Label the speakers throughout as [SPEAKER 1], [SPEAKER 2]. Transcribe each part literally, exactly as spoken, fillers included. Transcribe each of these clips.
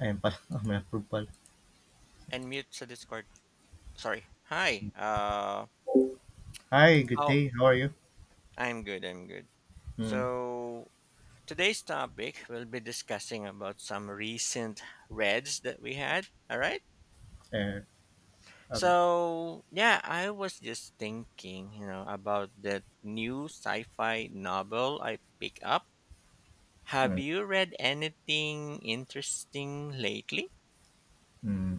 [SPEAKER 1] I am pal. I'm a fruit pal.
[SPEAKER 2] And mute the Discord. Sorry. Hi. Uh,
[SPEAKER 1] Hi, good
[SPEAKER 2] how?
[SPEAKER 1] day. How are you?
[SPEAKER 2] I'm good. I'm good.
[SPEAKER 1] Mm,
[SPEAKER 2] So today's topic we'll be discussing about some recent reds that we had. All right.
[SPEAKER 1] uh, okay.
[SPEAKER 2] So yeah, I was just thinking, you know, about that new sci-fi novel I pick up. Have
[SPEAKER 1] Mm,
[SPEAKER 2] you read anything interesting lately?
[SPEAKER 1] mm.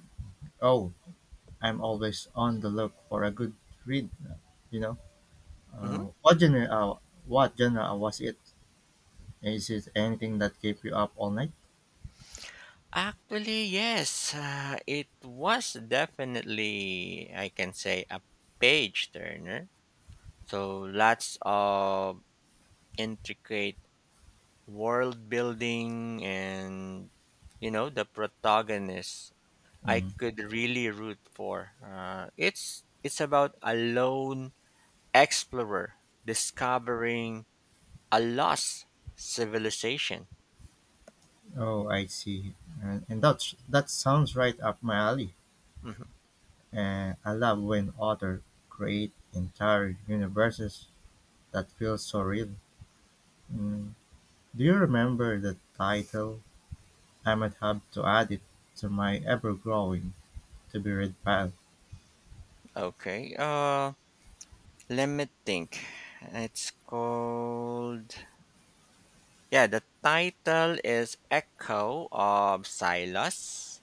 [SPEAKER 1] Oh, I'm always on the look for a good read. You know,
[SPEAKER 2] Mm-hmm.
[SPEAKER 1] uh, what genre? Uh, what genre was it? Is it anything that kept you up all night?
[SPEAKER 2] Actually, yes. Uh, it was definitely, I can say, a page turner. So lots of intricate world building and, you know, the protagonist I
[SPEAKER 1] Mm.
[SPEAKER 2] could really root for. Uh, it's it's about a lone explorer discovering a lost civilization.
[SPEAKER 1] Oh, I see. And, and that's that sounds right up my alley.
[SPEAKER 2] Mhm.
[SPEAKER 1] Uh, I love when authors create entire universes that feel so real. Mm. Do you remember the title? I might have to add it to my ever-growing to-be-read pile.
[SPEAKER 2] Okay. Uh, Let me think. It's called. Yeah, the title is Echo of Silas,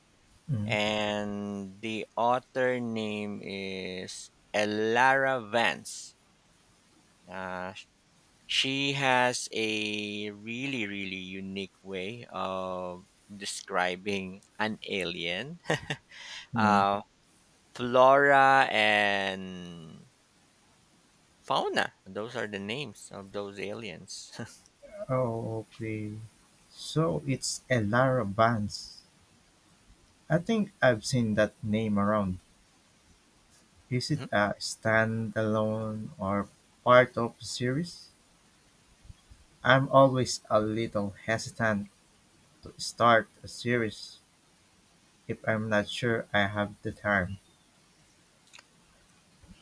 [SPEAKER 2] and the author name is Elara Vance. Uh, she has a really, really unique way of describing an alien,
[SPEAKER 1] Mhm.
[SPEAKER 2] uh, flora, and fauna. Those are the names of those aliens.
[SPEAKER 1] Okay. So it's Ellara Vance. I think I've seen that name around. Is it a standalone or part of a series? I'm always a little hesitant to start a series if I'm not sure I have the time.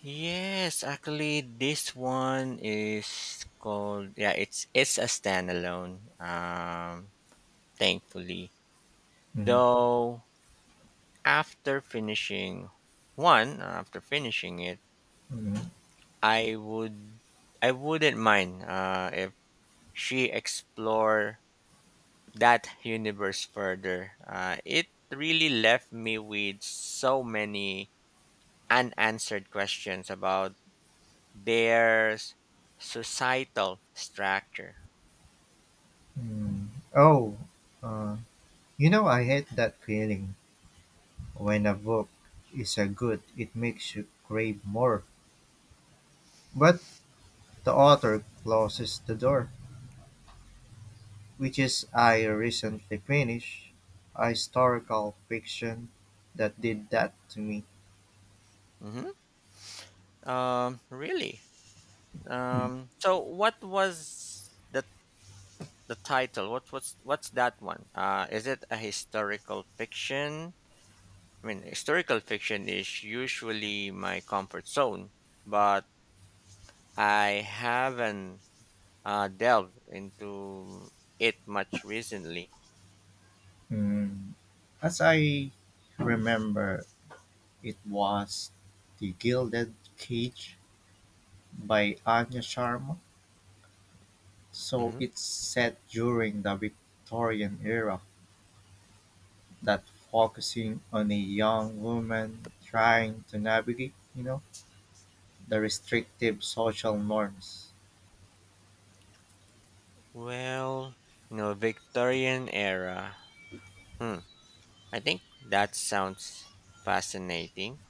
[SPEAKER 2] Yes, actually, this one is called yeah. It's it's a standalone. Um, thankfully,
[SPEAKER 1] Mhm.
[SPEAKER 2] though, after finishing one, after finishing it,
[SPEAKER 1] Mhm.
[SPEAKER 2] I would I wouldn't mind uh, if she explore that universe further. Uh, it really left me with so many unanswered questions about their s- societal structure.
[SPEAKER 1] Mhm. Oh, uh, you know, I hate that feeling. When a book is a good it makes you crave more. But the author closes the door, which is I recently finished a historical fiction that did that to me.
[SPEAKER 2] Mm-hmm. Um, really? Um, so what was the the title? What was what's that one? Uh, is it a historical fiction? I mean, historical fiction is usually my comfort zone, but I haven't uh, delved into it much recently.
[SPEAKER 1] Mm, As I remember, it was The Gilded Cage by Anya Sharma. So
[SPEAKER 2] Mm-hmm.
[SPEAKER 1] it's set during the Victorian era, that focusing on a young woman trying to navigate, you know, the restrictive social norms.
[SPEAKER 2] Well, you know, Victorian era. Hmm. I think that sounds fascinating.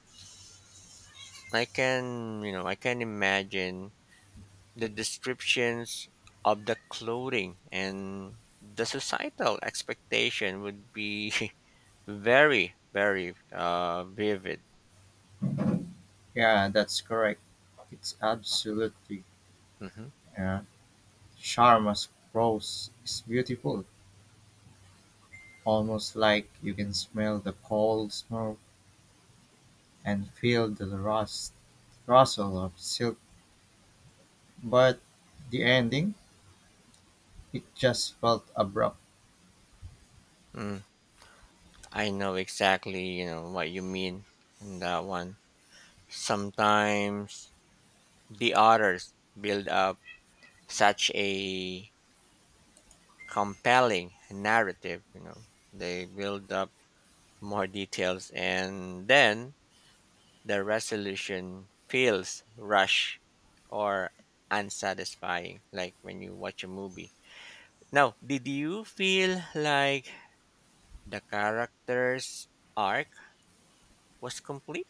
[SPEAKER 2] I can, you know, I can imagine the descriptions of the clothing and the societal expectation would be very, very uh, vivid.
[SPEAKER 1] Yeah, that's correct. It's absolutely.
[SPEAKER 2] Hmm.
[SPEAKER 1] uh, Sharma's prose is beautiful, almost like you can smell the coal smoke and feel the rust rustle of silk. But the ending, it just felt abrupt.
[SPEAKER 2] Mm, I know exactly, you know, what you mean in that one. Sometimes the authors build up such a compelling narrative, you know. They build up more details, and then the resolution feels rushed or unsatisfying, like when you watch a movie. Now, did you feel like the character's arc was complete?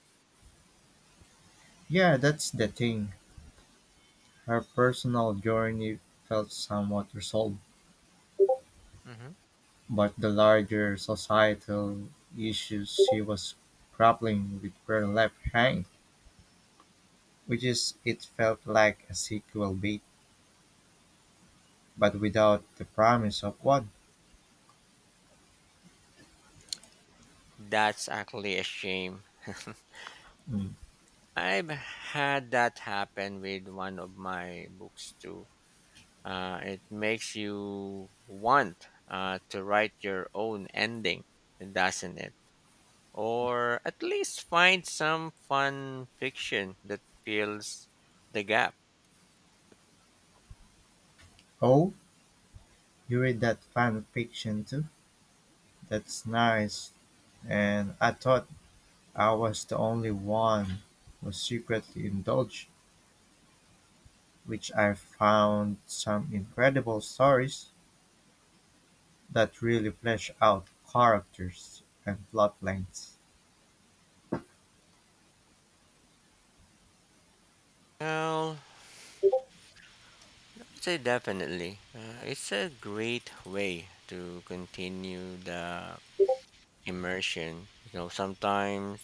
[SPEAKER 1] Yeah, that's the thing. Her personal journey felt somewhat resolved.
[SPEAKER 2] Hmm.
[SPEAKER 1] But the larger societal issues she was grappling with were left hanging, which is it felt like a sequel bait, but without the promise of one.
[SPEAKER 2] That's actually a shame.
[SPEAKER 1] Mm.
[SPEAKER 2] I've had that happen with one of my books too. Uh, it makes you want uh, to write your own ending, doesn't it? Or at least find some fun fiction that fills the gap.
[SPEAKER 1] Oh, you read that fan fiction too? That's nice. And I thought I was the only one who secretly indulged, which I found some incredible stories that really flesh out characters and plot lines.
[SPEAKER 2] Well, I'd say definitely. Uh, it's a great way to continue the immersion. You know, sometimes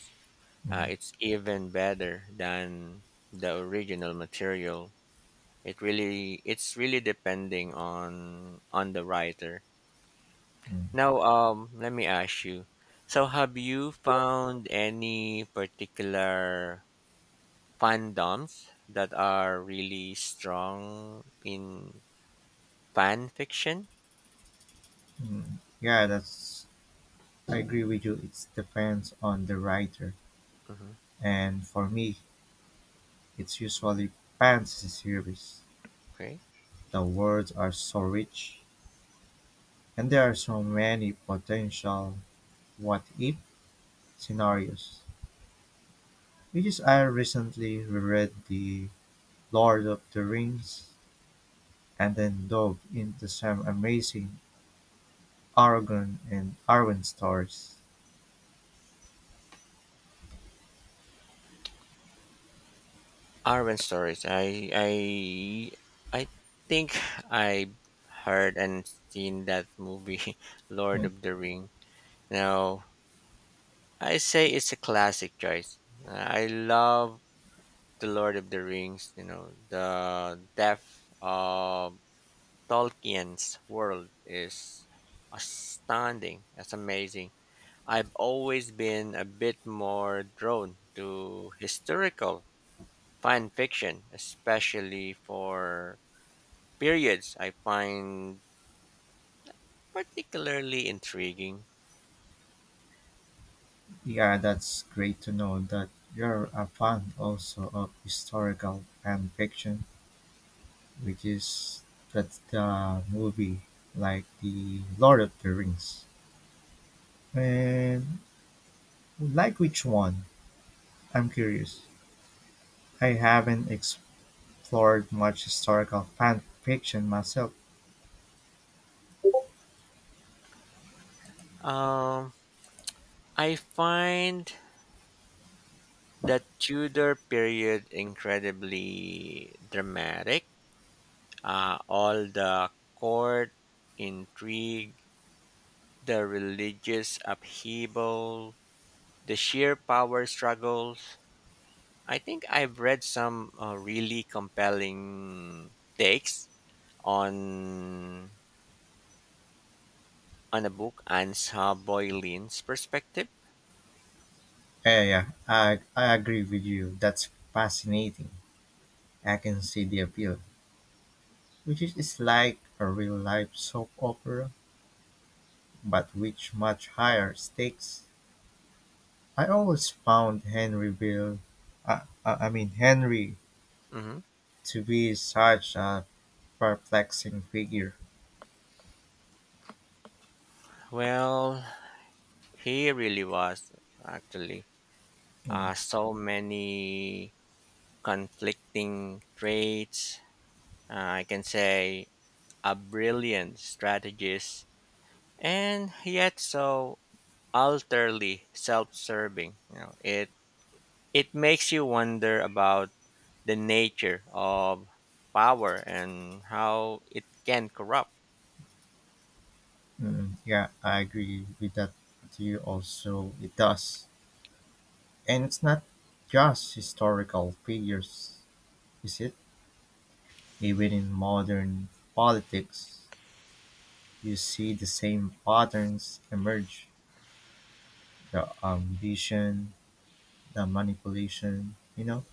[SPEAKER 2] uh,
[SPEAKER 1] Mm.
[SPEAKER 2] it's even better than the original material. It really, it's really depending on on the writer.
[SPEAKER 1] Mm.
[SPEAKER 2] Now, um, let me ask you. So, have you found any particular fandoms that are really strong in fan fiction.
[SPEAKER 1] Mm, Yeah, that's I agree with you. It depends on the writer,
[SPEAKER 2] Hmm.
[SPEAKER 1] and for me, it's usually fantasy series.
[SPEAKER 2] Okay,
[SPEAKER 1] The words are so rich, and there are so many potential what if scenarios. Because I recently reread the Lord of the Rings and then dove into some amazing Aragorn and Arwen stories.
[SPEAKER 2] Arwen stories. I I I think I heard and seen that movie, Lord
[SPEAKER 1] Hmm.
[SPEAKER 2] of the Ring. Now I say it's a classic choice. I love the Lord of the Rings. You know the depth of Tolkien's world is astounding. That's amazing. I've always been a bit more drawn to historical fan fiction, especially for periods I find particularly intriguing.
[SPEAKER 1] Yeah, that's great to know that you're a fan also of historical fan fiction, which is that's the movie like the Lord of the Rings. And like which one? I'm curious. I haven't explored much historical fan fiction myself.
[SPEAKER 2] Um, I find the Tudor period incredibly dramatic. Uh, all the court intrigue, the religious upheaval, the sheer power struggles. I think I've read some uh, really compelling takes on on a book and saw Boyle's perspective.
[SPEAKER 1] Yeah, yeah, yeah. I, I agree with you. That's fascinating. I can see the appeal, which is it's like a real life soap opera but with much higher stakes. I always found Henryville, I, I I mean Henry,
[SPEAKER 2] Hmm.
[SPEAKER 1] to be such a perplexing figure.
[SPEAKER 2] Well, he really was actually
[SPEAKER 1] Mm,
[SPEAKER 2] uh, so many conflicting traits. Uh, I can say a brilliant strategist, and yet so utterly self-serving. You know, it it makes you wonder about the nature of power and how it can corrupt.
[SPEAKER 1] mm, yeah, I agree with that with you also. It does, and it's not just historical figures, is it? Even in modern politics, you see the same patterns emerge: the ambition, the manipulation. You know.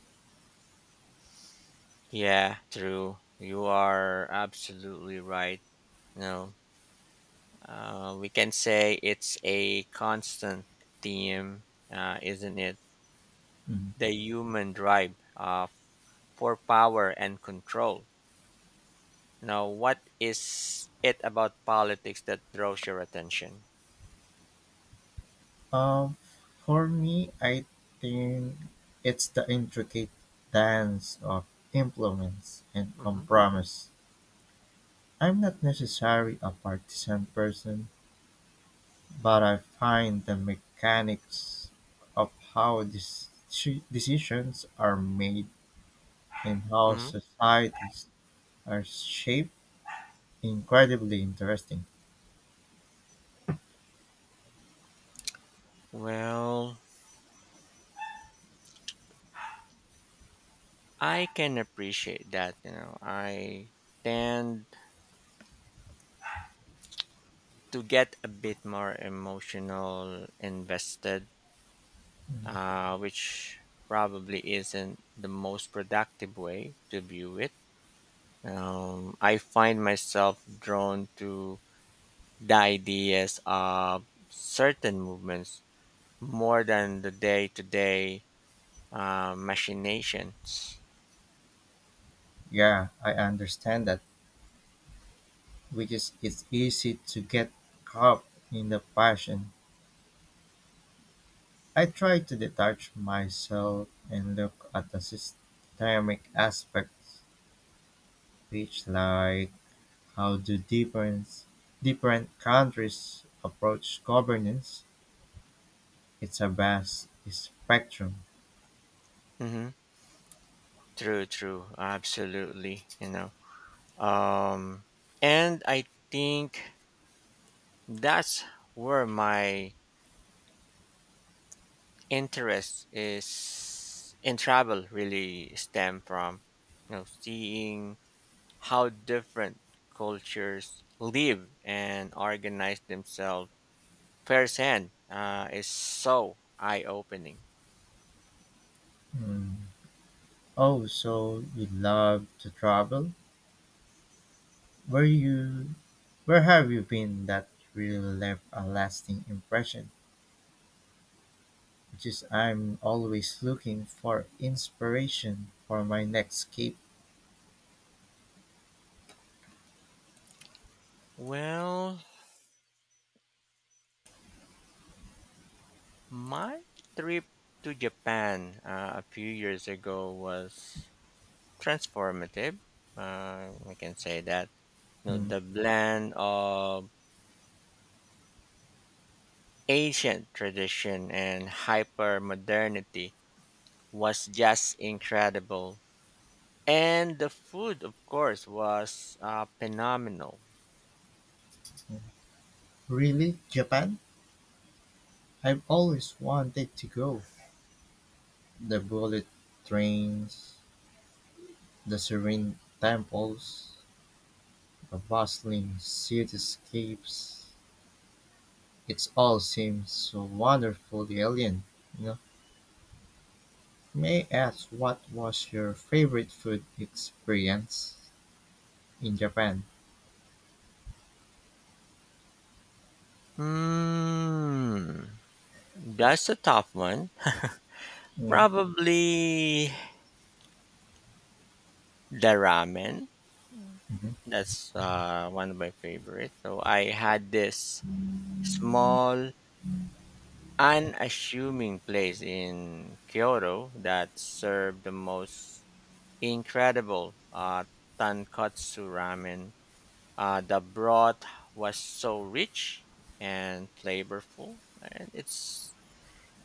[SPEAKER 2] Yeah, true. You are absolutely right. No, uh, we can say it's a constant theme, uh, isn't it?
[SPEAKER 1] Mm.
[SPEAKER 2] The human drive uh, for power and control. Now, what is it about politics that draws your attention?
[SPEAKER 1] Um, for me, I think it's the intricate dance of influence and
[SPEAKER 2] Hmm.
[SPEAKER 1] compromise. I'm not necessarily a partisan person, but I find the mechanics of how these deci- decisions are made and how
[SPEAKER 2] Hmm.
[SPEAKER 1] societies are shaped incredibly interesting.
[SPEAKER 2] Well, I can appreciate that. You know, I tend to get a bit more emotional invested, uh, which probably isn't the most productive way to view it. Um, I find myself drawn to the ideas of certain movements more than the day to day machinations.
[SPEAKER 1] Yeah, I understand that, which is it's easy to get caught in the passion I try to detach myself and look at the systemic aspects, which like how do different different countries approach governance? It's a vast spectrum.
[SPEAKER 2] Hmm. True, true, absolutely. You know, um, and I think that's where my interest is in travel really stem from, you know, seeing how different cultures live and organize themselves firsthand uh, is so eye-opening.
[SPEAKER 1] Hmm. Oh, so you love to travel? Where you where have you been that really left a lasting impression? Which is I'm always looking for inspiration for my next escape.
[SPEAKER 2] Well, my trip to Japan uh, a few years ago was transformative. uh, I can say that, you know,
[SPEAKER 1] Hmm.
[SPEAKER 2] the blend of ancient tradition and hyper modernity was just incredible. And the food, of course, was uh, phenomenal.
[SPEAKER 1] Really, Japan? I've always wanted to go. The bullet trains, the serene temples, the bustling cityscapes. It all seems so wonderfully alien. You know? May I ask what was your favorite food experience in Japan?
[SPEAKER 2] Hmm, that's a tough one.
[SPEAKER 1] Mm,
[SPEAKER 2] Probably the ramen.
[SPEAKER 1] mhm.
[SPEAKER 2] That's uh, one of my favorites. So I had this small, unassuming place in Kyoto that served the most incredible uh, tonkatsu ramen. Uh, the broth was so rich and flavorful, and it's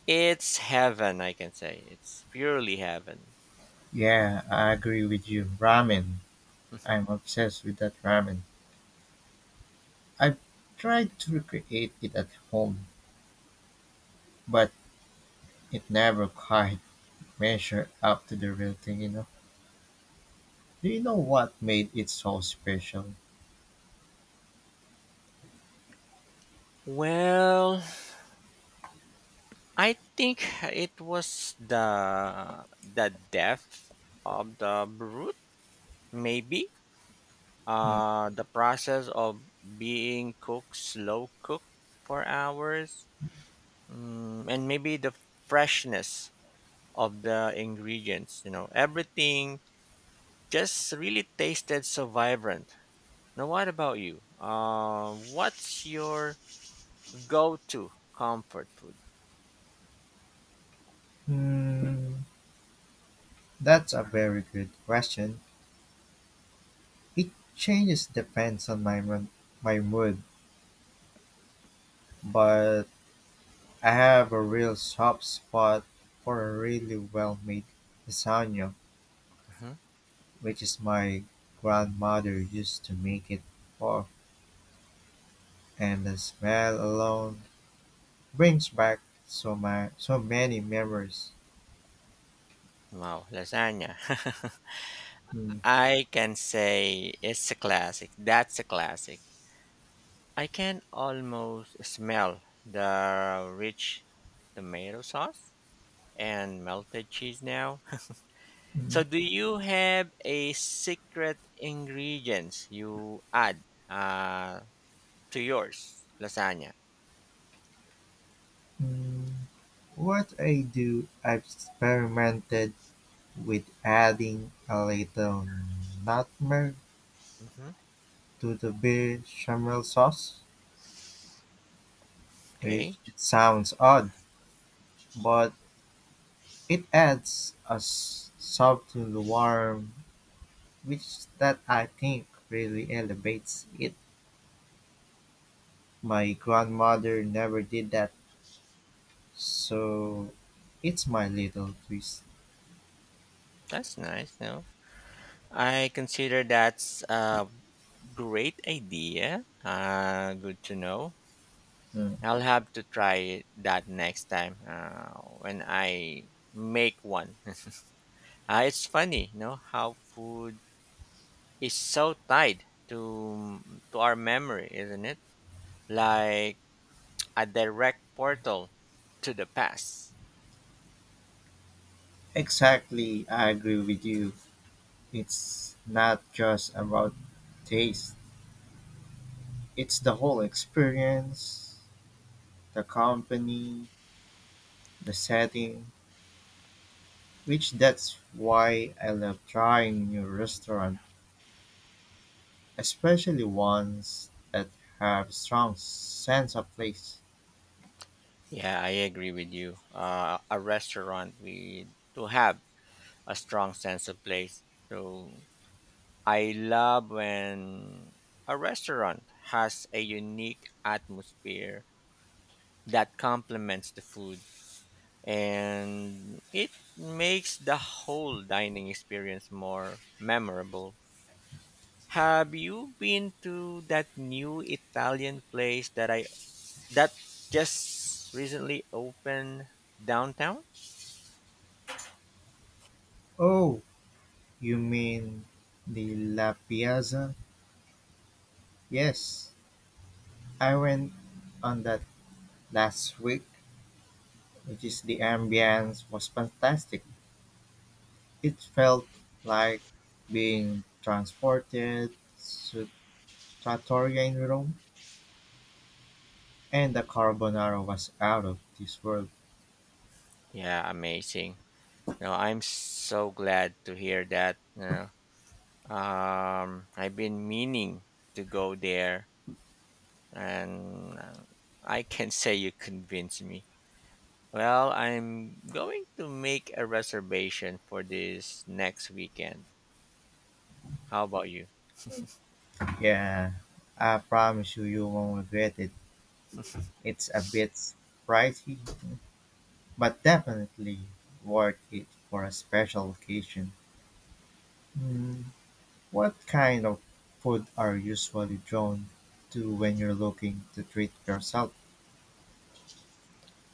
[SPEAKER 2] it's heaven. I can say it's purely heaven.
[SPEAKER 1] Yeah, I agree with you. Ramen. I'm obsessed with that ramen. I've tried to recreate it at home, but it never quite measure up to the real thing, you know. Do you know what made it so special?
[SPEAKER 2] Well, I think it was the the death of the broth, maybe.
[SPEAKER 1] Mm.
[SPEAKER 2] Uh, the process of being cooked, slow cooked for hours, mm, and maybe the freshness of the ingredients. You know, everything just really tasted so vibrant. Now, what about you? Uh, what's your go-to comfort food?
[SPEAKER 1] Hmm, that's a very good question. It changes depends on my mon- my mood, but I have a real soft spot for a really well made lasagna,
[SPEAKER 2] Mhm.
[SPEAKER 1] which is my grandmother used to make it for, and the smell alone brings back so my so many memories.
[SPEAKER 2] Wow, lasagna.
[SPEAKER 1] Hmm.
[SPEAKER 2] I can say it's a classic. That's a classic. I can almost smell the rich tomato sauce and melted cheese now. So, do you have a secret ingredients you add uh, to yours lasagna?
[SPEAKER 1] Mm, What I do, I've experimented with adding a little nutmeg
[SPEAKER 2] Hmm.
[SPEAKER 1] to the bechamel sauce, which
[SPEAKER 2] Okay.
[SPEAKER 1] it sounds odd, but it adds a s- soft to the warm, which that I think really elevates it. My grandmother never did that, so it's my little twist.
[SPEAKER 2] That's nice. No, I consider that's a great idea. Uh, good to know.
[SPEAKER 1] Mm.
[SPEAKER 2] I'll have to try that next time uh, when I make one. Uh, it's funny, you know, how food is so tied to to our memory, isn't it? Like a direct portal to the past.
[SPEAKER 1] Exactly, I agree with you. It's not just about taste, it's the whole experience, the company, the setting, which that's why I love trying new restaurant, especially ones that have strong sense of place.
[SPEAKER 2] Yeah, I agree with you. Uh, a restaurant we to have a strong sense of place. So I love when a restaurant has a unique atmosphere that complements the food and it makes the whole dining experience more memorable. Have you been to that new Italian place that I that just recently opened downtown?
[SPEAKER 1] Oh, you mean the La Piazza? Yes, I went on that last week, which is the ambience was fantastic. It felt like being transported to Trattoria in Rome, and the carbonara was out of this world.
[SPEAKER 2] Yeah, amazing. No, I'm so glad to hear that. You know, Um, I've been meaning to go there, and uh, I can say you convinced me. Well, I'm going to make a reservation for this next weekend. How about you?
[SPEAKER 1] Yeah, I promise you, you won't regret it. It's a bit pricey, but definitely worth it for a special occasion. Mm, What kind of food are you usually drawn to when you're looking to treat yourself?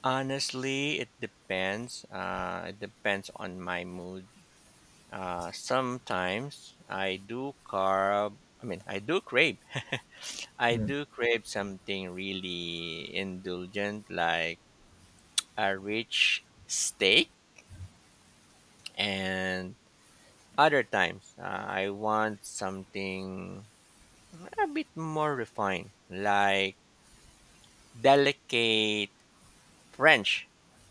[SPEAKER 2] Honestly, it depends. Uh, it depends on my mood. Uh, sometimes I do carb. I mean, I do crave. I
[SPEAKER 1] Mm,
[SPEAKER 2] do crave something really indulgent, like a rich steak, and other times uh, I want something a bit more refined, like delicate French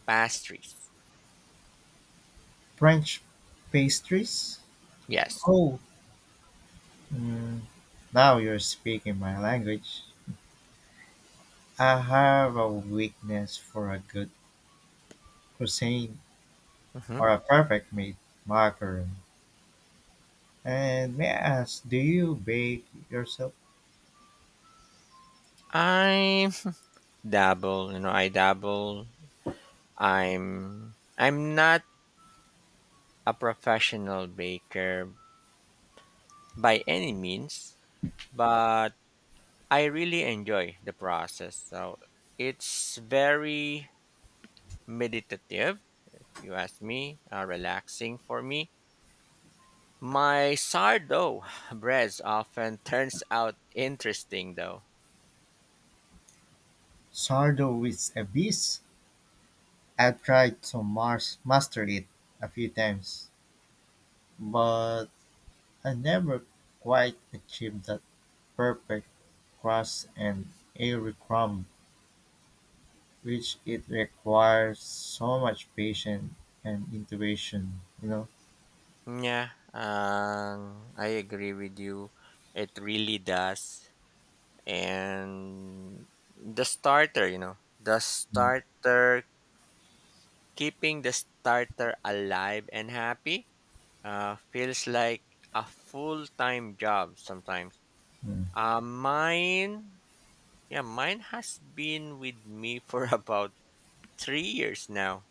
[SPEAKER 2] pastries.
[SPEAKER 1] French pastries?
[SPEAKER 2] Yes,
[SPEAKER 1] Oh, Mm, now you're speaking my language. I have a weakness for a good cuisine
[SPEAKER 2] hmm.
[SPEAKER 1] or a perfect made macaron. And may I ask, do you bake yourself
[SPEAKER 2] I dabble. You know, I dabble. I'm I'm not a professional baker by any means, but I really enjoy the process. So it's very meditative. You ask me, uh, relaxing for me. My sourdough breads often turns out interesting though.
[SPEAKER 1] sourdough with a beast? I've tried to mars master it a few times, but I never quite achieved that perfect crust and airy crumb, which it requires so much patience and intuition, you know.
[SPEAKER 2] Yeah, um, I agree with you. It really does. And the starter, you know, the
[SPEAKER 1] Mm,
[SPEAKER 2] starter, keeping the starter alive and happy uh, feels like a full time job sometimes.
[SPEAKER 1] mm.
[SPEAKER 2] Uh, mine, yeah, mine has been with me for about three years now.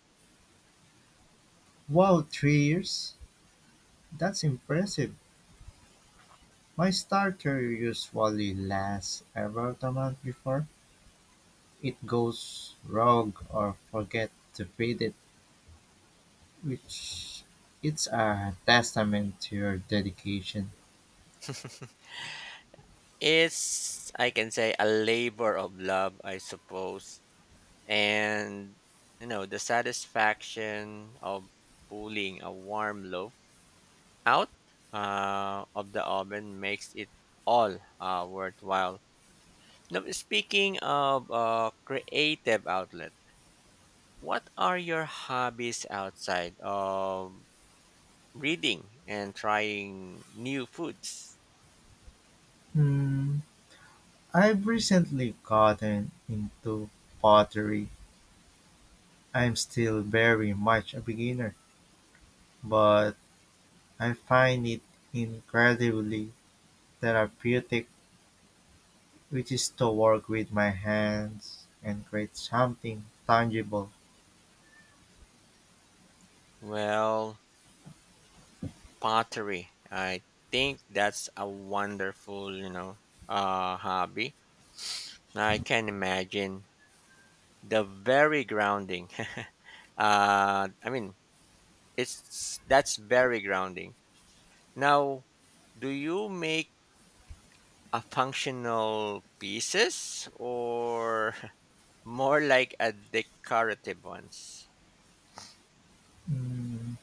[SPEAKER 1] Wow, three years? That's impressive. My starter usually lasts about a month before it goes rogue or forget to feed it, which it's a testament to your dedication.
[SPEAKER 2] It's, I can say, a labor of love, I suppose. And, you know, the satisfaction of pulling a warm loaf out uh, of the oven makes it all uh, worthwhile. Now, speaking of uh, creative outlet, what are your hobbies outside of reading and trying new foods?
[SPEAKER 1] Hmm, I've recently gotten into pottery. I'm still very much a beginner, but I find it incredibly therapeutic, which is to work with my hands and create something tangible.
[SPEAKER 2] Well, pottery. I think that's a wonderful, you know, uh, hobby. I can imagine the very grounding. uh, I mean, it's that's very grounding. Now, do you make a functional pieces or more like a decorative ones?
[SPEAKER 1] Mm,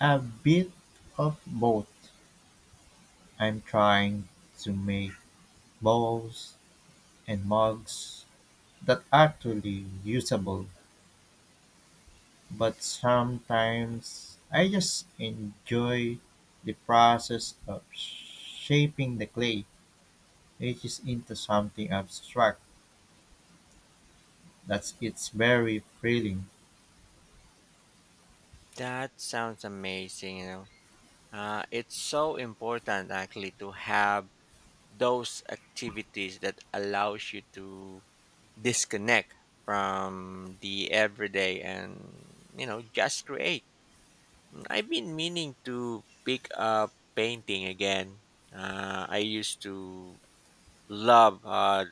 [SPEAKER 1] a bit of both. I'm trying to make bowls and mugs that are actually usable, but sometimes I just enjoy the process of shaping the clay, which is into something abstract. That's it's very thrilling.
[SPEAKER 2] That sounds amazing. You know, uh, it's so important actually to have those activities that allows you to disconnect from the everyday, and you know just create. I've been meaning to pick up painting again. uh, I used to love uh,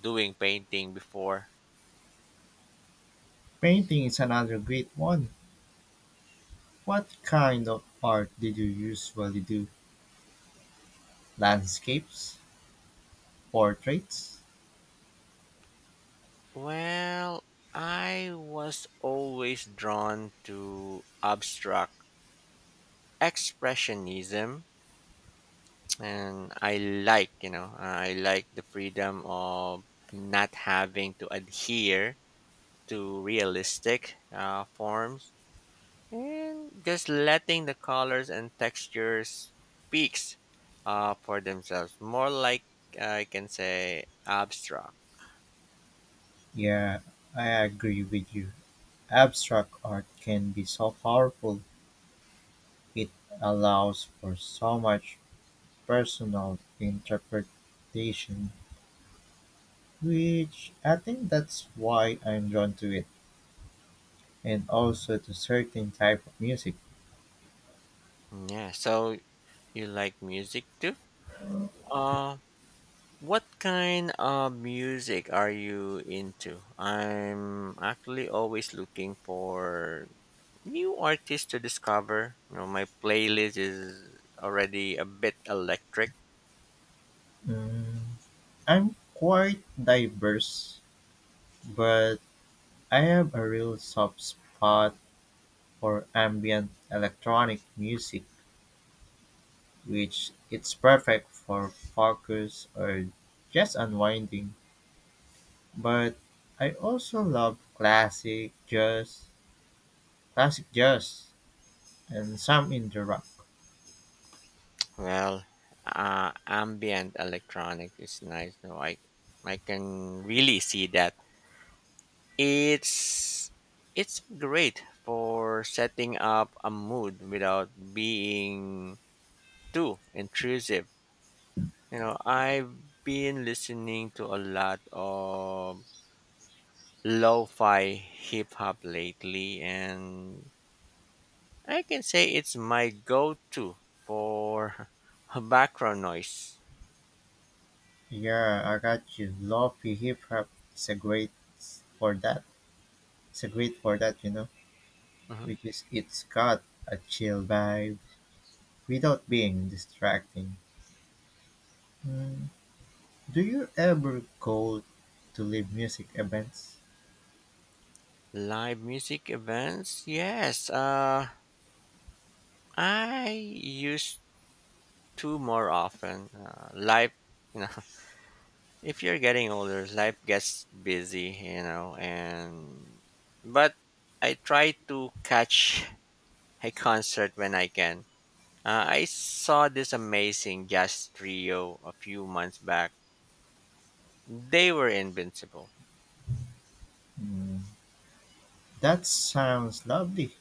[SPEAKER 2] doing painting before.
[SPEAKER 1] Painting is another great one. What kind of art did you usually do? Landscapes? Portraits?
[SPEAKER 2] Well, I was always drawn to abstract expressionism, and I like, you know, uh, I like the freedom of not having to adhere to realistic uh, forms and just letting the colors and textures speaks uh, for themselves. More like uh, I can say abstract.
[SPEAKER 1] Yeah, I agree with you. Abstract art can be so powerful. It allows for so much personal interpretation, which I think that's why I'm drawn to it, and also to certain type of music.
[SPEAKER 2] Yeah. So you like music too? Uh, what kind of music are you into? I'm actually always looking for new artists to discover. You know, my playlist is already a bit electric.
[SPEAKER 1] Mm, I'm quite diverse, but I have a real soft spot for ambient electronic music which it's perfect for focus or just unwinding. But I also love classic jazz, classic jazz, and some indie rock.
[SPEAKER 2] Well, uh, ambient electronic is nice. No, I I can really see that. It's it's great for setting up a mood without being too intrusive. You know, I've been listening to a lot of lo-fi hip hop lately, and I can say it's my go to for background noise.
[SPEAKER 1] Yeah, I got you. Lofi hip hop is a great for that. It's a great for that, you know,
[SPEAKER 2] Mhm.
[SPEAKER 1] which is it's got a chill vibe without being distracting. Mm, do you ever go to live music events?
[SPEAKER 2] Live music events, yes. Uh, I used to more often. Uh, life, you know, if you're getting older, life gets busy, you know, and but I try to catch a concert when I can. Uh, I saw this amazing jazz trio a few months back. They were invincible.
[SPEAKER 1] Mm, That sounds lovely.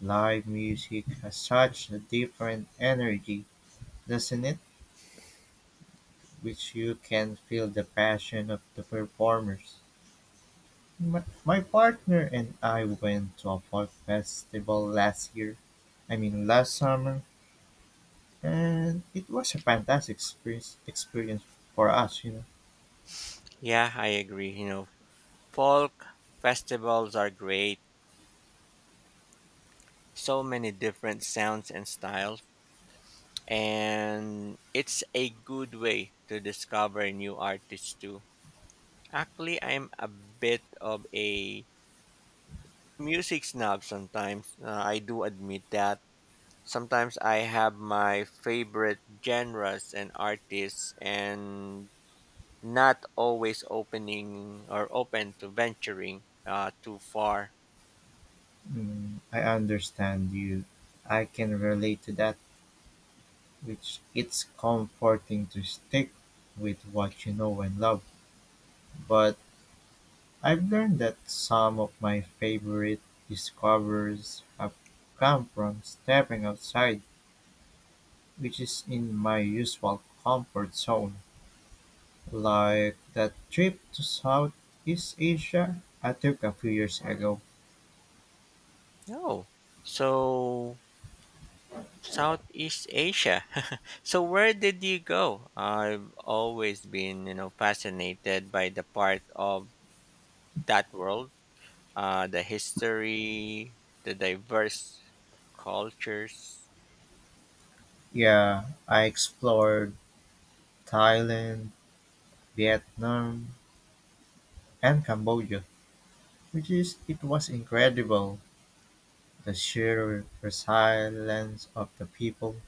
[SPEAKER 1] Live music has such a different energy, doesn't it? Which you can feel the passion of the performers. My, my partner and I went to a folk festival last year. I mean, last summer, and it was a fantastic experience, experience for us, you know.
[SPEAKER 2] Yeah, I agree. You know, folk festivals are great. So many different sounds and styles. And it's a good way to discover new artists too. Actually, I'm a bit of a music snob sometimes. Uh, I do admit that. Sometimes I have my favorite genres and artists, and not always opening or open to venturing uh, too far.
[SPEAKER 1] Mm, I understand you. I can relate to that, which it's comforting to stick with what you know and love. But I've learned that some of my favorite discoveries have come from stepping outside, which is in my usual comfort zone. Like that trip to Southeast Asia I took a few years ago.
[SPEAKER 2] No. So Southeast Asia. So where did you go? I've always been, you know, fascinated by the part of that world, uh, the history, the diverse cultures.
[SPEAKER 1] Yeah, I explored Thailand, Vietnam, and Cambodia, which is it was incredible. The sheer resilience of the people,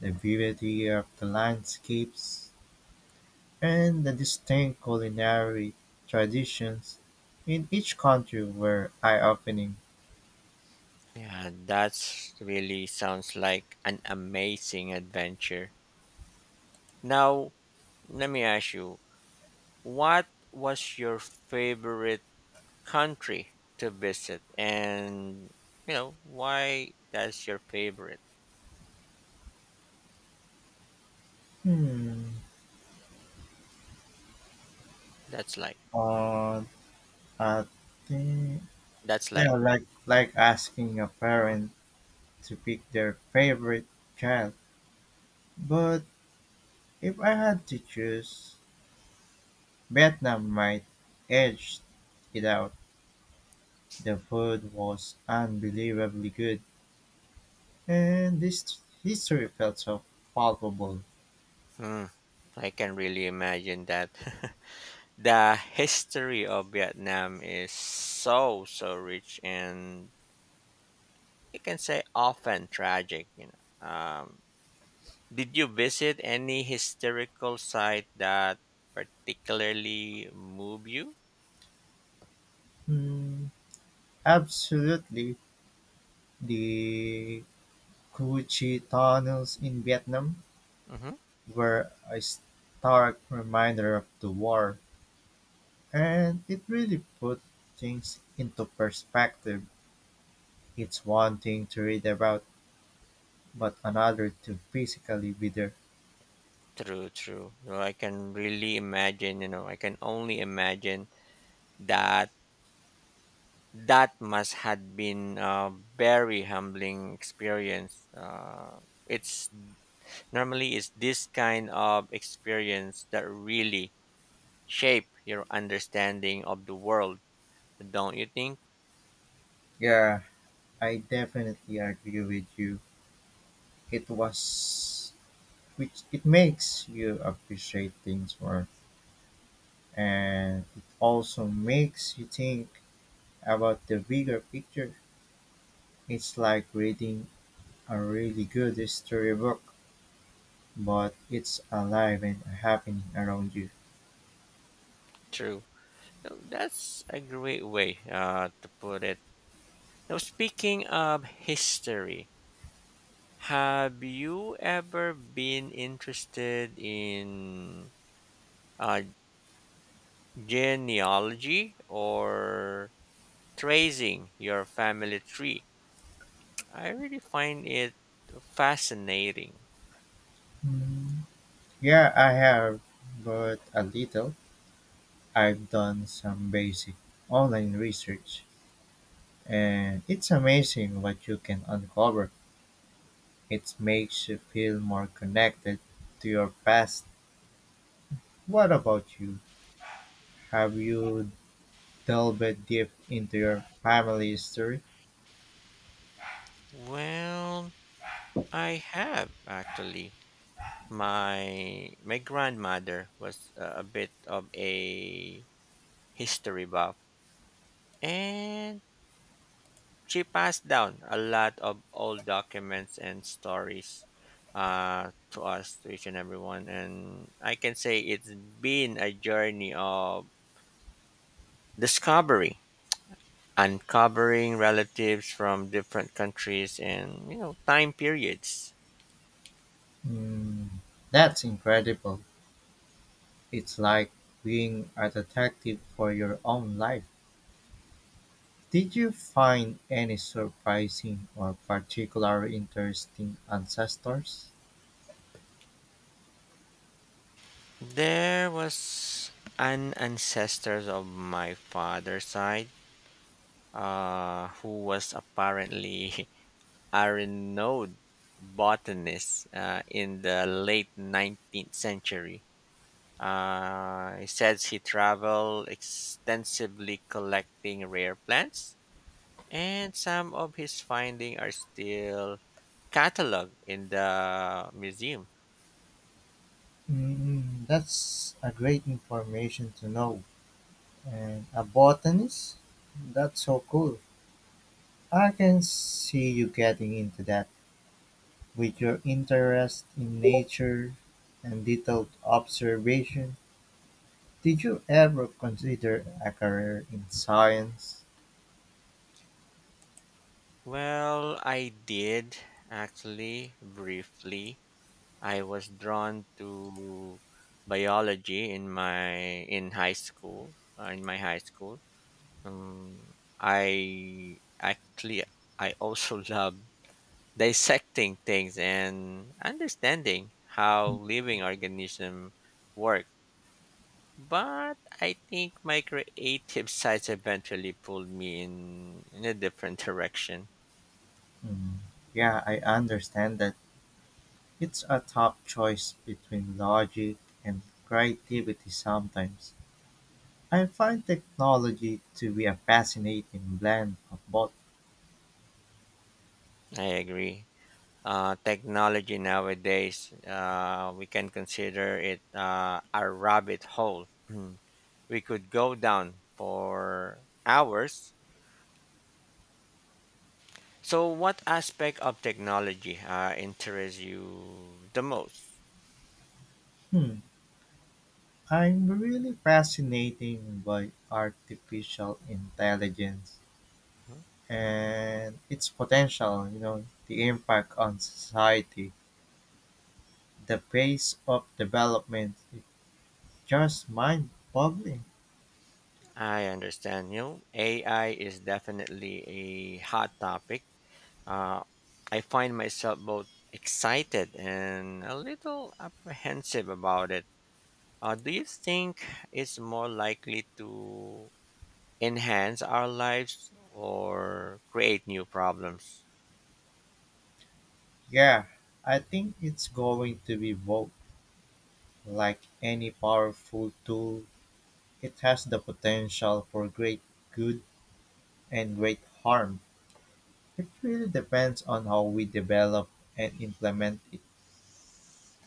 [SPEAKER 1] the beauty of the landscapes, and the distinct culinary traditions in each country were eye-opening.
[SPEAKER 2] Yeah, that's really sounds like an amazing adventure. Now, let me ask you, what was your favorite country to visit, and you know why that's your favorite.
[SPEAKER 1] Hmm.
[SPEAKER 2] that's like
[SPEAKER 1] Uh, I think,
[SPEAKER 2] that's
[SPEAKER 1] yeah,
[SPEAKER 2] like
[SPEAKER 1] like like asking a
[SPEAKER 2] Mhm.
[SPEAKER 1] parent to pick their favorite child. But if I had to choose, Vietnam might edge it out. The food was unbelievably good. And this history felt so palpable.
[SPEAKER 2] Hmm, I can really imagine that. The history of Vietnam is so so rich, and you can say often tragic, you know. um, did you visit any historical site that particularly move you?
[SPEAKER 1] Hmm, absolutely. The Coochie tunnels in Vietnam
[SPEAKER 2] Mhm.
[SPEAKER 1] were a stark reminder of the war, and it really put things into perspective. It's one thing to read about, but another to physically be there.
[SPEAKER 2] True, true. You know, I can really imagine, you know, I can only imagine that that must had been a very humbling experience. Uh, it's Normally it's this kind of experience that really shape your understanding of the world, don't you think?
[SPEAKER 1] Yeah, I definitely agree with you. It was, which it makes you appreciate things more, and it also makes you think about the bigger picture. It's like reading a really good storybook, but it's alive and happening around you.
[SPEAKER 2] True. No, that's a great way uh, to put it. Now, speaking of history, have you ever been interested in uh, genealogy or tracing your family tree? I really find it fascinating.
[SPEAKER 1] Mm, Yeah, I have, but a little. I've done some basic online research, and it's amazing what you can uncover. It makes you feel more connected to your past. What about you? Have you delve deep into your family history?
[SPEAKER 2] Well, I have actually. My my grandmother was a a bit of a history buff, and she passed down a lot of old documents and stories uh, to us, to each and everyone. And I can say it's been a journey of discovery, uncovering relatives from different countries and you know time periods.
[SPEAKER 1] Mm, that's incredible. It's like being a detective for your own life. Did you find any surprising or particularly interesting ancestors?
[SPEAKER 2] There was an ancestor of my father's side uh, who was apparently a renowned botanist uh, in the late nineteenth century. Uh, he says he traveled extensively collecting rare plants, and some of his findings are still cataloged in the museum.
[SPEAKER 1] Mm, that's a great information to know. And a botanist? That's so cool. I can see you getting into that with your interest in nature and detailed observation. Did you ever consider a career in science?
[SPEAKER 2] Well, I did actually briefly. I was drawn to biology in my in high school uh, in my high school Um, I actually I also love dissecting things and understanding how living organisms work. But I think my creative sides eventually pulled me in in a different direction.
[SPEAKER 1] Mm, yeah, I understand that it's a tough choice between logic and creativity sometimes. I find technology to be a fascinating blend of both.
[SPEAKER 2] I agree. Uh, technology nowadays, uh, we can consider it uh, a rabbit hole. We could go down for hours. So, what aspect of technology uh, interests you the most?
[SPEAKER 1] Hmm, I'm really fascinated by artificial intelligence
[SPEAKER 2] Hmm?
[SPEAKER 1] and its potential, you know, the impact on society, the pace of development. Just mind-boggling,
[SPEAKER 2] I understand. You A I is definitely a hot topic. Uh, I find myself both excited and a little apprehensive about it. Uh, do you think it's more likely to enhance our lives or create new problems?
[SPEAKER 1] yeah. I think it's going to be both. Like any powerful tool, it has the potential for great good and great harm. It really depends on how we develop and implement it.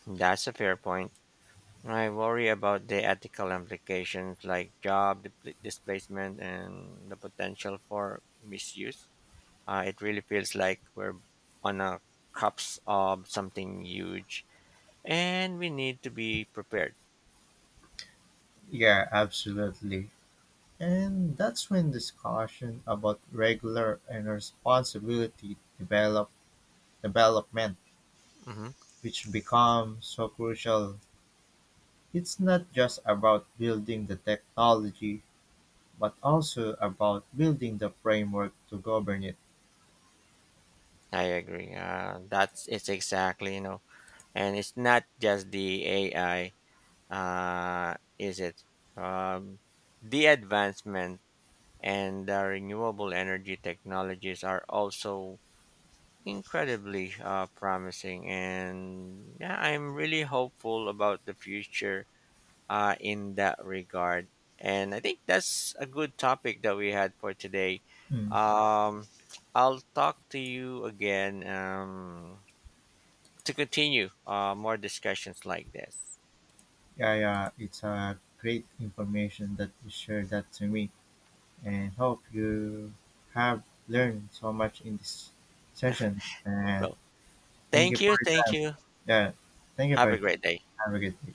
[SPEAKER 2] That's a fair point. I worry about the ethical implications like job dipl- displacement and the potential for misuse. Uh, it really feels like we're on a cusp of something huge, and we need to be prepared.
[SPEAKER 1] Yeah, absolutely. And that's when discussion about regular and responsibility develop development,
[SPEAKER 2] Hmm.
[SPEAKER 1] which becomes so crucial. It's not just about building the technology, but also about building the framework to govern it.
[SPEAKER 2] I agree. Uh, that's It's exactly, you know, and it's not just the A I, uh, is it? Um, the advancement and the renewable energy technologies are also incredibly uh, promising, and yeah I'm really hopeful about the future uh, in that regard. And I think that's a good topic that we had for today.
[SPEAKER 1] Mm.
[SPEAKER 2] um, I'll talk to you again um, to continue uh, more discussions like this.
[SPEAKER 1] Yeah, yeah, it's a great information that you shared that to me, and hope you have learned so much in this session. Uh,
[SPEAKER 2] well
[SPEAKER 1] thank
[SPEAKER 2] Thank
[SPEAKER 1] you for
[SPEAKER 2] you,
[SPEAKER 1] your
[SPEAKER 2] thank
[SPEAKER 1] time.
[SPEAKER 2] you.
[SPEAKER 1] Yeah, thank you for
[SPEAKER 2] Have a
[SPEAKER 1] your
[SPEAKER 2] great
[SPEAKER 1] time.
[SPEAKER 2] day.
[SPEAKER 1] Have a good day.